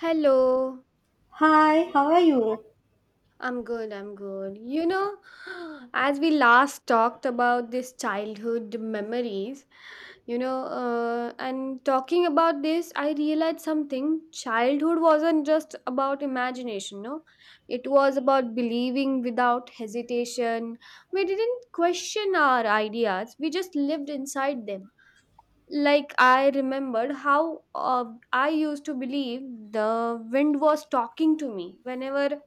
Hello. Hi, how are you? I'm good, I'm good. As we last talked about this childhood memories, and talking about this, I realized something. Childhood wasn't just about imagination, no? It was about believing without hesitation. We didn't question our ideas, we just lived inside them. Like, I remembered how I used to believe the wind was talking to me whenever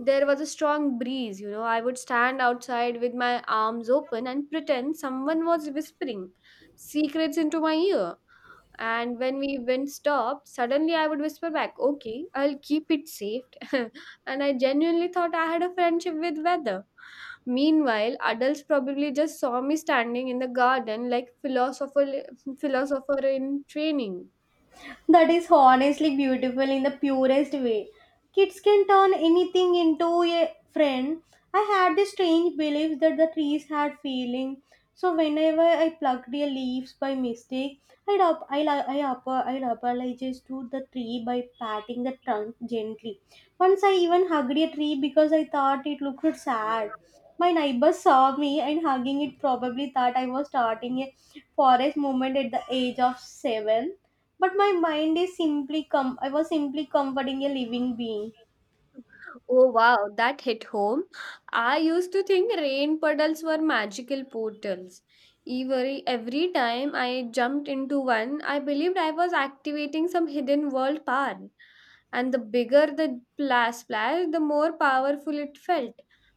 there was a strong breeze. I would stand outside with my arms open and pretend someone was whispering secrets into my ear. And when we wind stopped, suddenly I would whisper back, "Okay, I'll keep it safe." And I genuinely thought I had a friendship with weather. Meanwhile, adults probably just saw me standing in the garden like philosopher in training. That is honestly beautiful in the purest way. Kids can turn anything into a friend. I had this strange belief that the trees had feeling. So whenever I plucked their leaves by mistake, I'd up, I, up, I apologize to the tree by patting the trunk gently. Once I even hugged a tree because I thought it looked sad. My neighbor saw me and hugging it probably thought I was starting a forest movement at the age of seven, but my mind is simply com I was simply comforting a living being. Oh wow, that hit home. I used to think rain puddles were magical portals. Every time I jumped into one, I believed I was activating some hidden world power. And the bigger the splash, the more powerful it felt.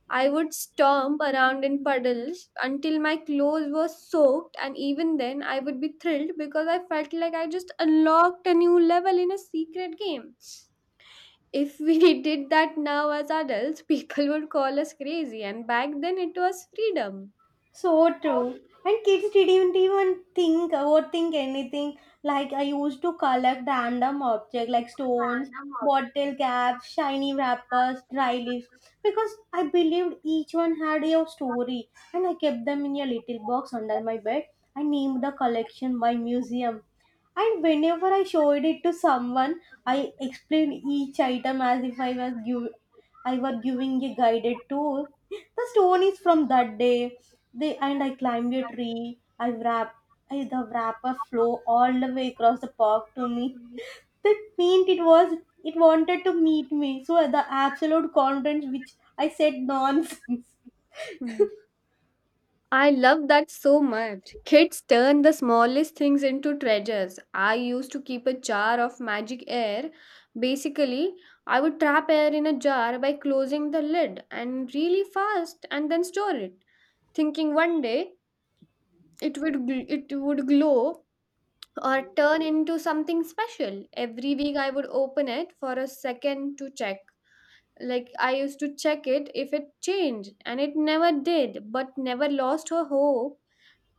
I would stomp around in puddles until my clothes were soaked, and even then, I would be thrilled because I felt like I just unlocked a new level in a secret game. If we did that now as adults, people would call us crazy, and back then it was freedom. So true. And kids didn't even think overthink anything. Like I used to collect random objects like stones, bottle caps, shiny wrappers, dry leaves, because I believed each one had a story and I kept them in a little box under my bed. I named the collection my museum. And whenever I showed it to someone, I explained each item as if I were giving a guided tour. The stone is from that day they and I climbed a tree. The wrapper flew all the way across the park to me. That meant it wanted to meet me. So the absolute confidence which I said nonsense. Mm. I love that so much. Kids turn the smallest things into treasures. I used to keep a jar of magic air. Basically, I would trap air in a jar by closing the lid and really fast and then store it, thinking one day it would it would glow or turn into something special. Every week I would open it for a second to check. Like I used to check it if it changed, and it never did, but never lost her hope.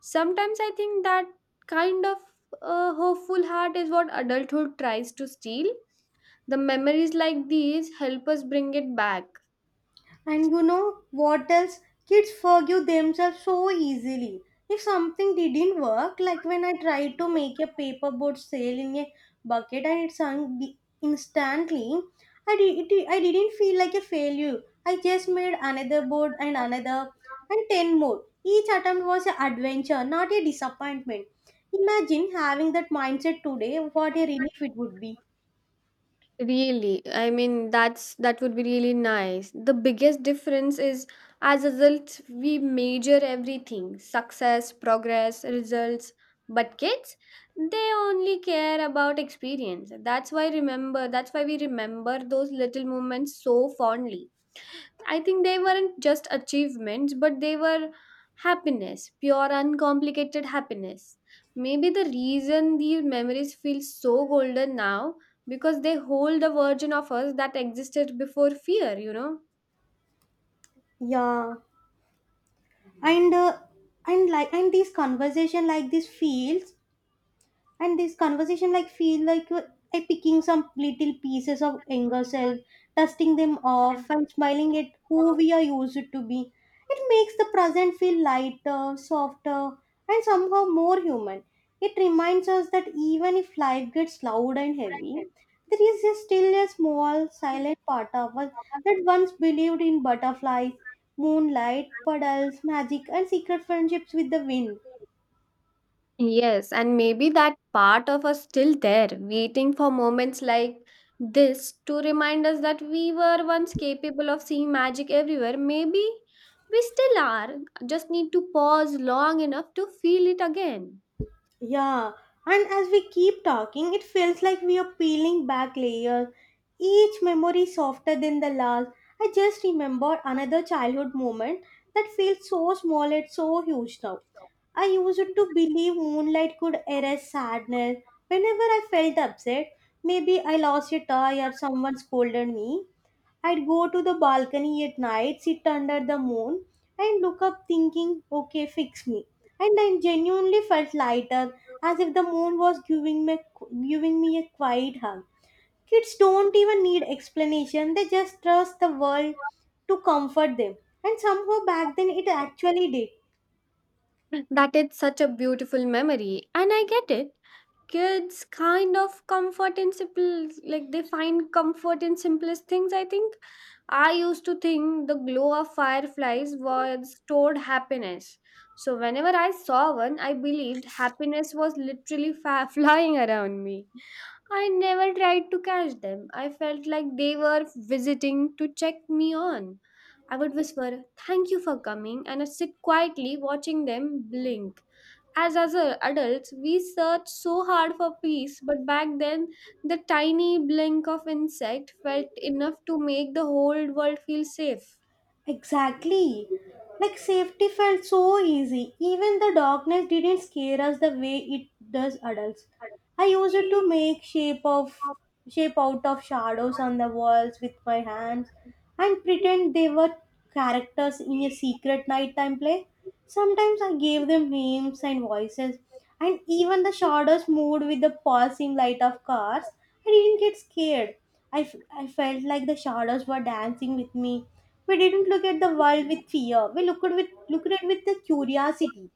Sometimes I think that kind of hopeful heart is what adulthood tries to steal. The memories like these help us bring it back. And you know what else? Kids forgive themselves so easily. If something didn't work, like when I tried to make a paperboard sail in a bucket and it sunk instantly, I didn't feel like a failure. I just made another board and another and 10 more. Each attempt was an adventure, not a disappointment. Imagine having that mindset today, what a relief it would be. Really, I mean that's that would be really nice. The biggest difference is as adults we measure everything: success, progress, results, but kids, they only care about experience. That's why remember that's why we remember those little moments so fondly. I think they weren't just achievements, but they were happiness, pure, uncomplicated happiness. Maybe the reason these memories feel so golden now because they hold a version of us that existed before fear, you know? Yeah. and uh, and like and these conversation like this feels and this conversation like feel like picking some little pieces of younger self, dusting them off and smiling at who we are used to be. It makes the present feel lighter, softer, and somehow more human. It reminds us that even if life gets loud and heavy, there is a still a small silent part of us that once believed in butterflies, moonlight, puddles, magic, and secret friendships with the wind. Yes, and maybe that part of us still there, waiting for moments like this to remind us that we were once capable of seeing magic everywhere. Maybe we still are, just need to pause long enough to feel it again. Yeah, and as we keep talking, it feels like we are peeling back layers, each memory softer than the last. I just remembered another childhood moment that feels so small yet so huge now. I used to believe moonlight could erase sadness. Whenever I felt upset, maybe I lost a toy or someone scolded me, I'd go to the balcony at night, sit under the moon, and look up thinking, okay, fix me. And I genuinely felt lighter, as if the moon was giving me a quiet hug. Kids don't even need explanation, they just trust the world to comfort them. And somehow back then it actually did. That is such a beautiful memory, and I get it. Kids kind of comfort in simple, like they find comfort in simplest things. I think I used to think the glow of fireflies was stored happiness. So whenever I saw one, I believed happiness was literally flying around me. I never tried to catch them. I felt like they were visiting to check me on. I would whisper, "Thank you for coming," and I'd sit quietly watching them blink. As adults, we search so hard for peace, but back then, the tiny blink of insect felt enough to make the whole world feel safe. Exactly. Like safety felt so easy. Even the darkness didn't scare us the way it does adults. I used it to make shape of shape out of shadows on the walls with my hands and pretend they were characters in a secret nighttime play. Sometimes I gave them names and voices, and even the shadows moved with the pulsing light of cars. I didn't get scared. I felt like the shadows were dancing with me. We didn't look at the world with fear. We looked at it with the curiosity.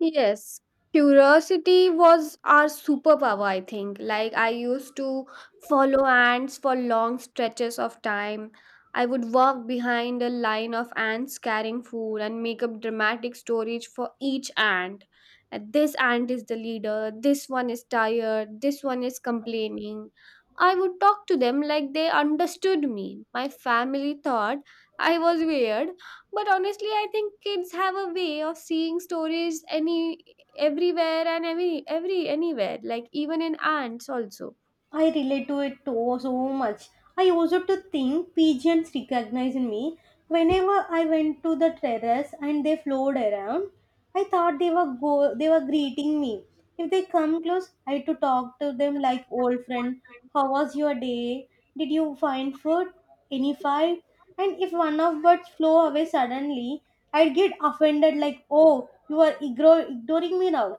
Yes, curiosity was our superpower, I think. Like, I used to follow ants for long stretches of time. I would walk behind a line of ants carrying food and make up dramatic stories for each ant. And this ant is the leader, this one is tired, this one is complaining. I would talk to them like they understood me. My family thought I was weird, but honestly I think kids have a way of seeing stories any everywhere and every anywhere, like even in ants also. I relate to it so much. I also to think pigeons recognized me. Whenever I went to the terrace and they flowed around, I thought they were greeting me. If they come close, I had to talk to them like old friend. How was your day? Did you find food? Any fight? And if one of birds flew away suddenly, I'd get offended like, oh, you are ignoring me now.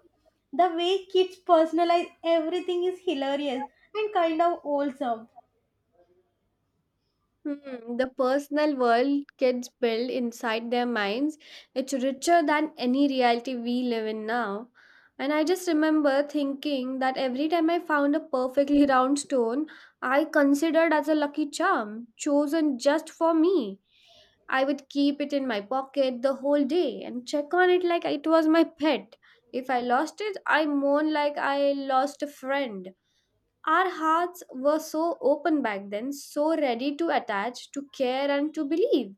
The way kids personalize everything is hilarious and kind of wholesome. Hmm, the personal world kids build inside their minds, it's richer than any reality we live in now. And I just remember thinking that every time I found a perfectly round stone, I considered as a lucky charm, chosen just for me. I would keep it in my pocket the whole day and check on it like it was my pet. If I lost it, I mourned like I lost a friend. Our hearts were so open back then, so ready to attach, to care, and to believe.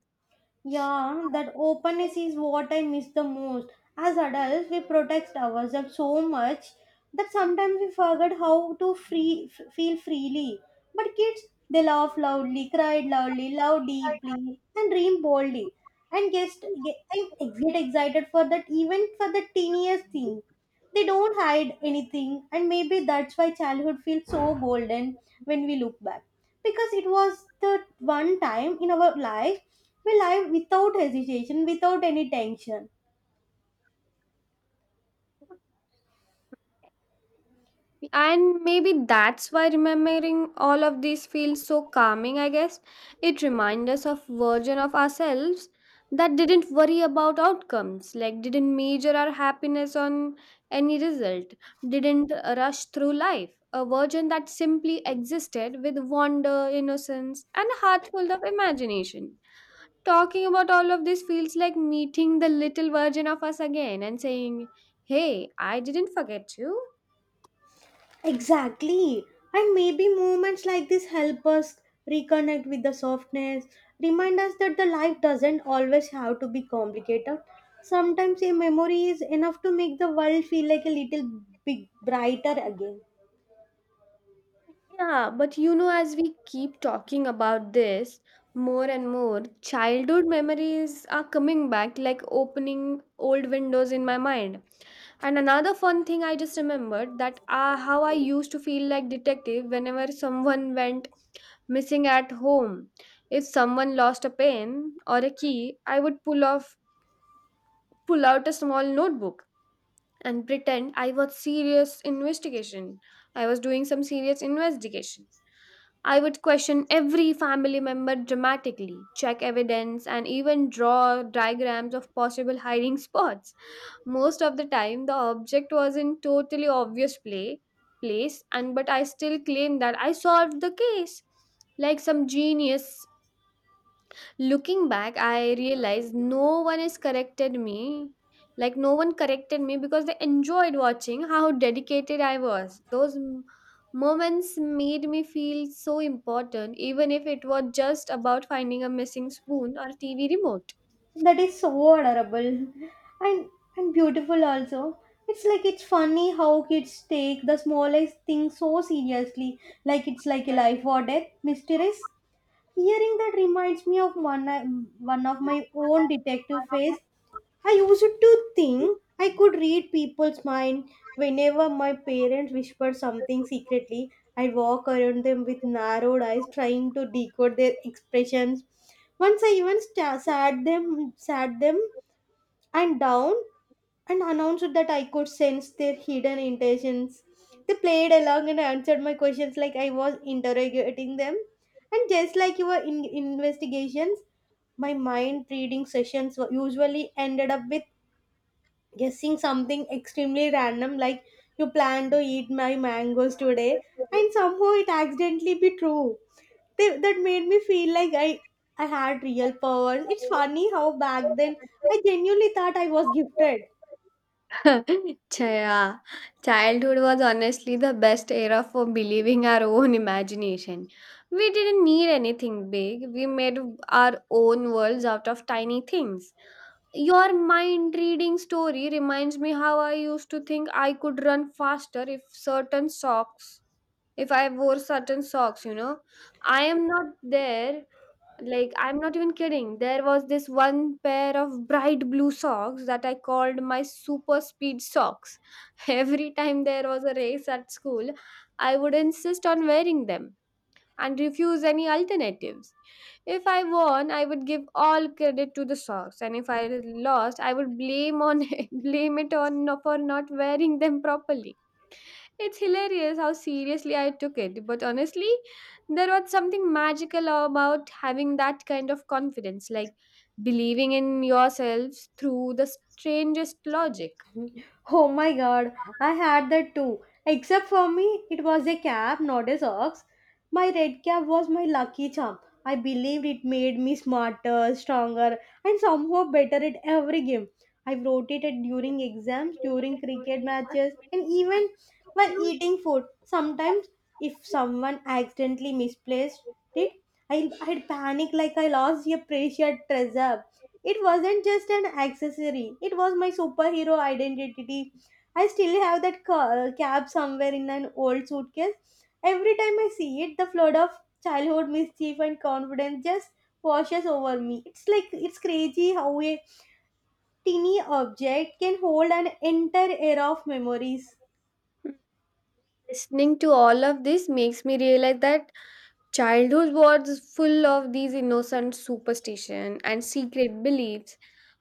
Yeah, that openness is what I miss the most. As adults, we protect ourselves so much that sometimes we forget how to feel freely. But kids, they laugh loudly, cry loudly, love deeply, and dream boldly. And just get, I'm get excited for that, even for the teeniest thing. They don't hide anything, and maybe that's why childhood feels so golden when we look back, because it was the one time in our life we live without hesitation, without any tension. And maybe that's why remembering all of these feels so calming, I guess. It reminds us of version of ourselves that didn't worry about outcomes, like didn't measure our happiness on any result, didn't rush through life. A version that simply existed with wonder, innocence, and a heart full of imagination. Talking about all of this feels like meeting the little version of us again and saying, "Hey, I didn't forget you." Exactly, and maybe moments like this help us reconnect with the softness, remind us that the life doesn't always have to be complicated. Sometimes a memory is enough to make the world feel like a little bit brighter again. Yeah, but you know, as we keep talking about this more and more, childhood memories are coming back like opening old windows in my mind. And another fun thing I just remembered that how I used to feel like detective whenever someone went missing at home. If someone lost a pen or a key, I would pull out a small notebook and pretend I was serious investigation. I was doing some serious investigation. I would question every family member dramatically, check evidence, and even draw diagrams of possible hiding spots. Most of the time, the object was in totally obvious play place, and but I still claim that I solved the case, like some genius. Looking back, I realized no one has corrected me. Like, no one corrected me because they enjoyed watching how dedicated I was. Moments made me feel so important, even if it was just about finding a missing spoon or TV remote. That is so adorable and beautiful also. It's like it's funny how kids take the smallest thing so seriously, like it's like a life or death mysteries. Hearing that reminds me of one of my own detective phase. I used to think I could read people's mind whenever my parents whispered something secretly. I'd walk around them with narrowed eyes, trying to decode their expressions. Once I even sat them, and down, and announced that I could sense their hidden intentions. They played along and answered my questions like I was interrogating them. And just like your investigations, my mind reading sessions usually ended up with guessing something extremely random, like you plan to eat my mangoes today, and somehow it accidentally be true. That made me feel like I had real powers. It's funny how back then I genuinely thought I was gifted. Chaya. Childhood was honestly the best era for believing our own imagination. We didn't need anything big. We made our own worlds out of tiny things. Your mind reading story reminds me how I used to think I could run faster if certain socks, if I wore certain socks. I am not there, like, I'm not even kidding. There was this one pair of bright blue socks that I called my super speed socks. Every time there was a race at school, I would insist on wearing them and refuse any alternatives. If I won, I would give all credit to the socks, and if I lost, I would blame on blame it on for not wearing them properly. It's hilarious how seriously I took it, but honestly, there was something magical about having that kind of confidence, like believing in yourselves through the strangest logic. Oh my god, I had that too. Except for me, it was a cap, not a socks. My red cap was my lucky charm. I believed it made me smarter, stronger, and somehow better at every game. I wrote it at during exams, during cricket matches, and even while eating food. Sometimes, if someone accidentally misplaced it, I'd panic like I lost a precious treasure. It wasn't just an accessory, it was my superhero identity. I still have that cap somewhere in an old suitcase. Every time I see it, the flood of childhood mischief and confidence just washes over me. It's like it's crazy how a teeny object can hold an entire era of memories. Listening to all of this makes me realize that childhood was full of these innocent superstition and secret beliefs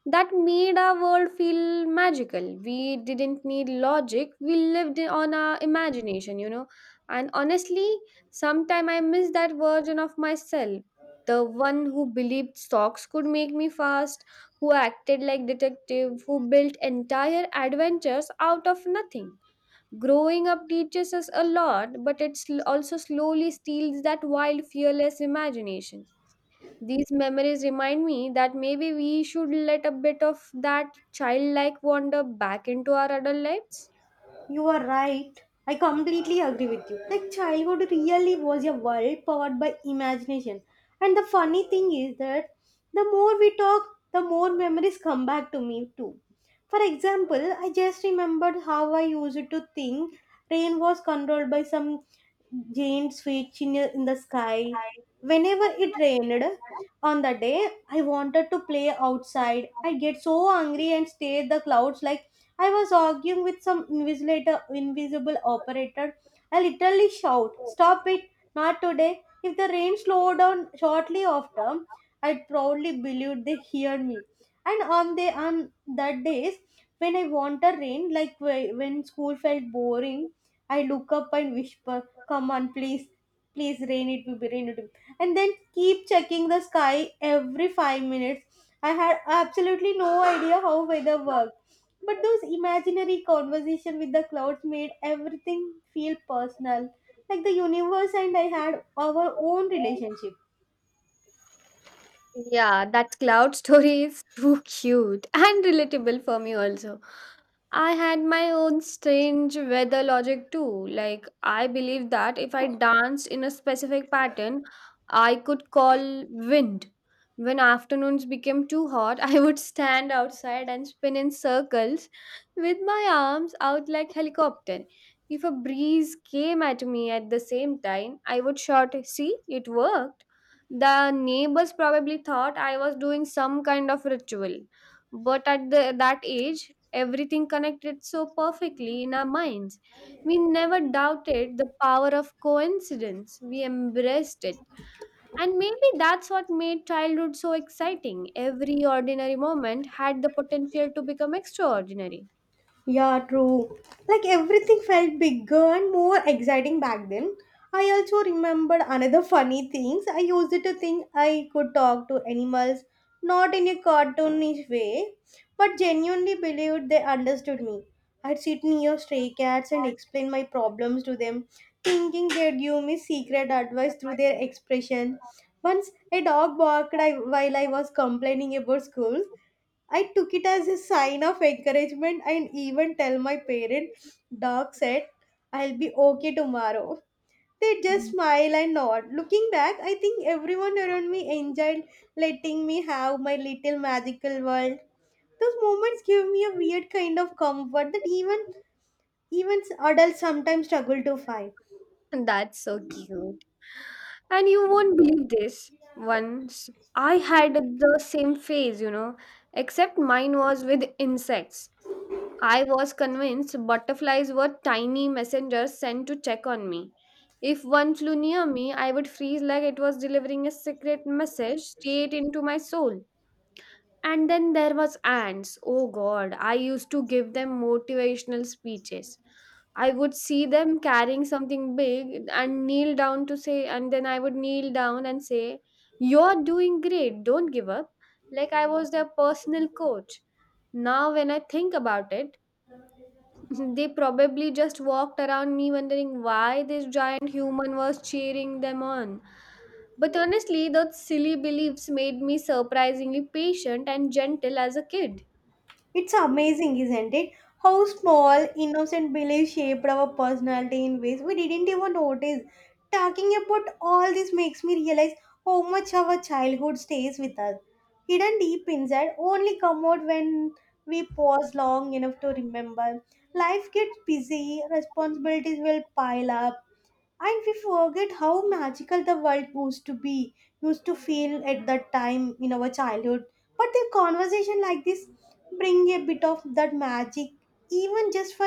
that made our world feel magical. We didn't need logic. We lived on our imagination, you know. And honestly, sometime I miss that version of myself. The one who believed socks could make me fast, who acted like detective, who built entire adventures out of nothing. Growing up teaches us a lot, but it also slowly steals that wild, fearless imagination. These memories remind me that maybe we should let a bit of that childlike wonder back into our adult lives. You are right. I completely agree with you. Like childhood really was a world powered by imagination. And the funny thing is that the more we talk, the more memories come back to me too. For example, I just remembered how I used to think rain was controlled by some giant switch in the sky. Whenever it rained on the day, I wanted to play outside. I get so angry and stare at the clouds like I was arguing with invisible operator. I literally shout, stop it, not today. If the rain slowed down shortly after, I proudly believed they hear me. And on that days when I want a rain, like when school felt boring, I look up and whisper, come on, please, please rain, It will be. And then keep checking the sky every 5 minutes. I had absolutely no idea how weather worked, but those imaginary conversation with the clouds made everything feel personal. Like the universe and I had our own relationship. Yeah, that cloud story is too cute and relatable for me also. I had my own strange weather logic too. Like, I believed that if I danced in a specific pattern, I could call wind. When afternoons became too hot, I would stand outside and spin in circles with my arms out like helicopter. If a breeze came at me at the same time, I would shout, "See, it worked." The neighbors probably thought I was doing some kind of ritual. But at the, that age, everything connected so perfectly in our minds. We never doubted the power of coincidence, we embraced it. And maybe that's what made childhood so exciting. Every ordinary moment had the potential to become extraordinary. Yeah, true. Like everything felt bigger and more exciting back then. I also remembered another funny things. I used to think I could talk to animals, not in a cartoonish way, but genuinely believed they understood me. I'd sit near stray cats and explain my problems to them, thinking they'd give me secret advice through their expression. Once a dog barked while I was complaining about school, I took it as a sign of encouragement and even tell my parent, Doc said, I'll be okay tomorrow. They just smile and nod. Looking back, I think everyone around me enjoyed letting me have my little magical world. Those moments give me a weird kind of comfort that even adults sometimes struggle to find. And that's so cute. And you won't believe this. Once I had the same phase, you know, except mine was with insects. I was convinced butterflies were tiny messengers sent to check on me. If one flew near me, I would freeze like it was delivering a secret message straight into my soul. And then there was ants. Oh god, I used to give them motivational speeches. I would see them carrying something big and kneel down to say, and then I would kneel down and say, "You're doing great, don't give up." Like I was their personal coach. Now, when I think about it, they probably just walked around me wondering why this giant human was cheering them on. But honestly, those silly beliefs made me surprisingly patient and gentle as a kid. It's amazing, isn't it? How small, innocent beliefs shaped our personality in ways we didn't even notice. Talking about all this makes me realize how much our childhood stays with us. Hidden deep inside, only come out when we pause long enough to remember. Life gets busy, responsibilities will pile up, and we forget how magical the world used to feel at that time in our childhood. But the conversation like this bring a bit of that magic, even just for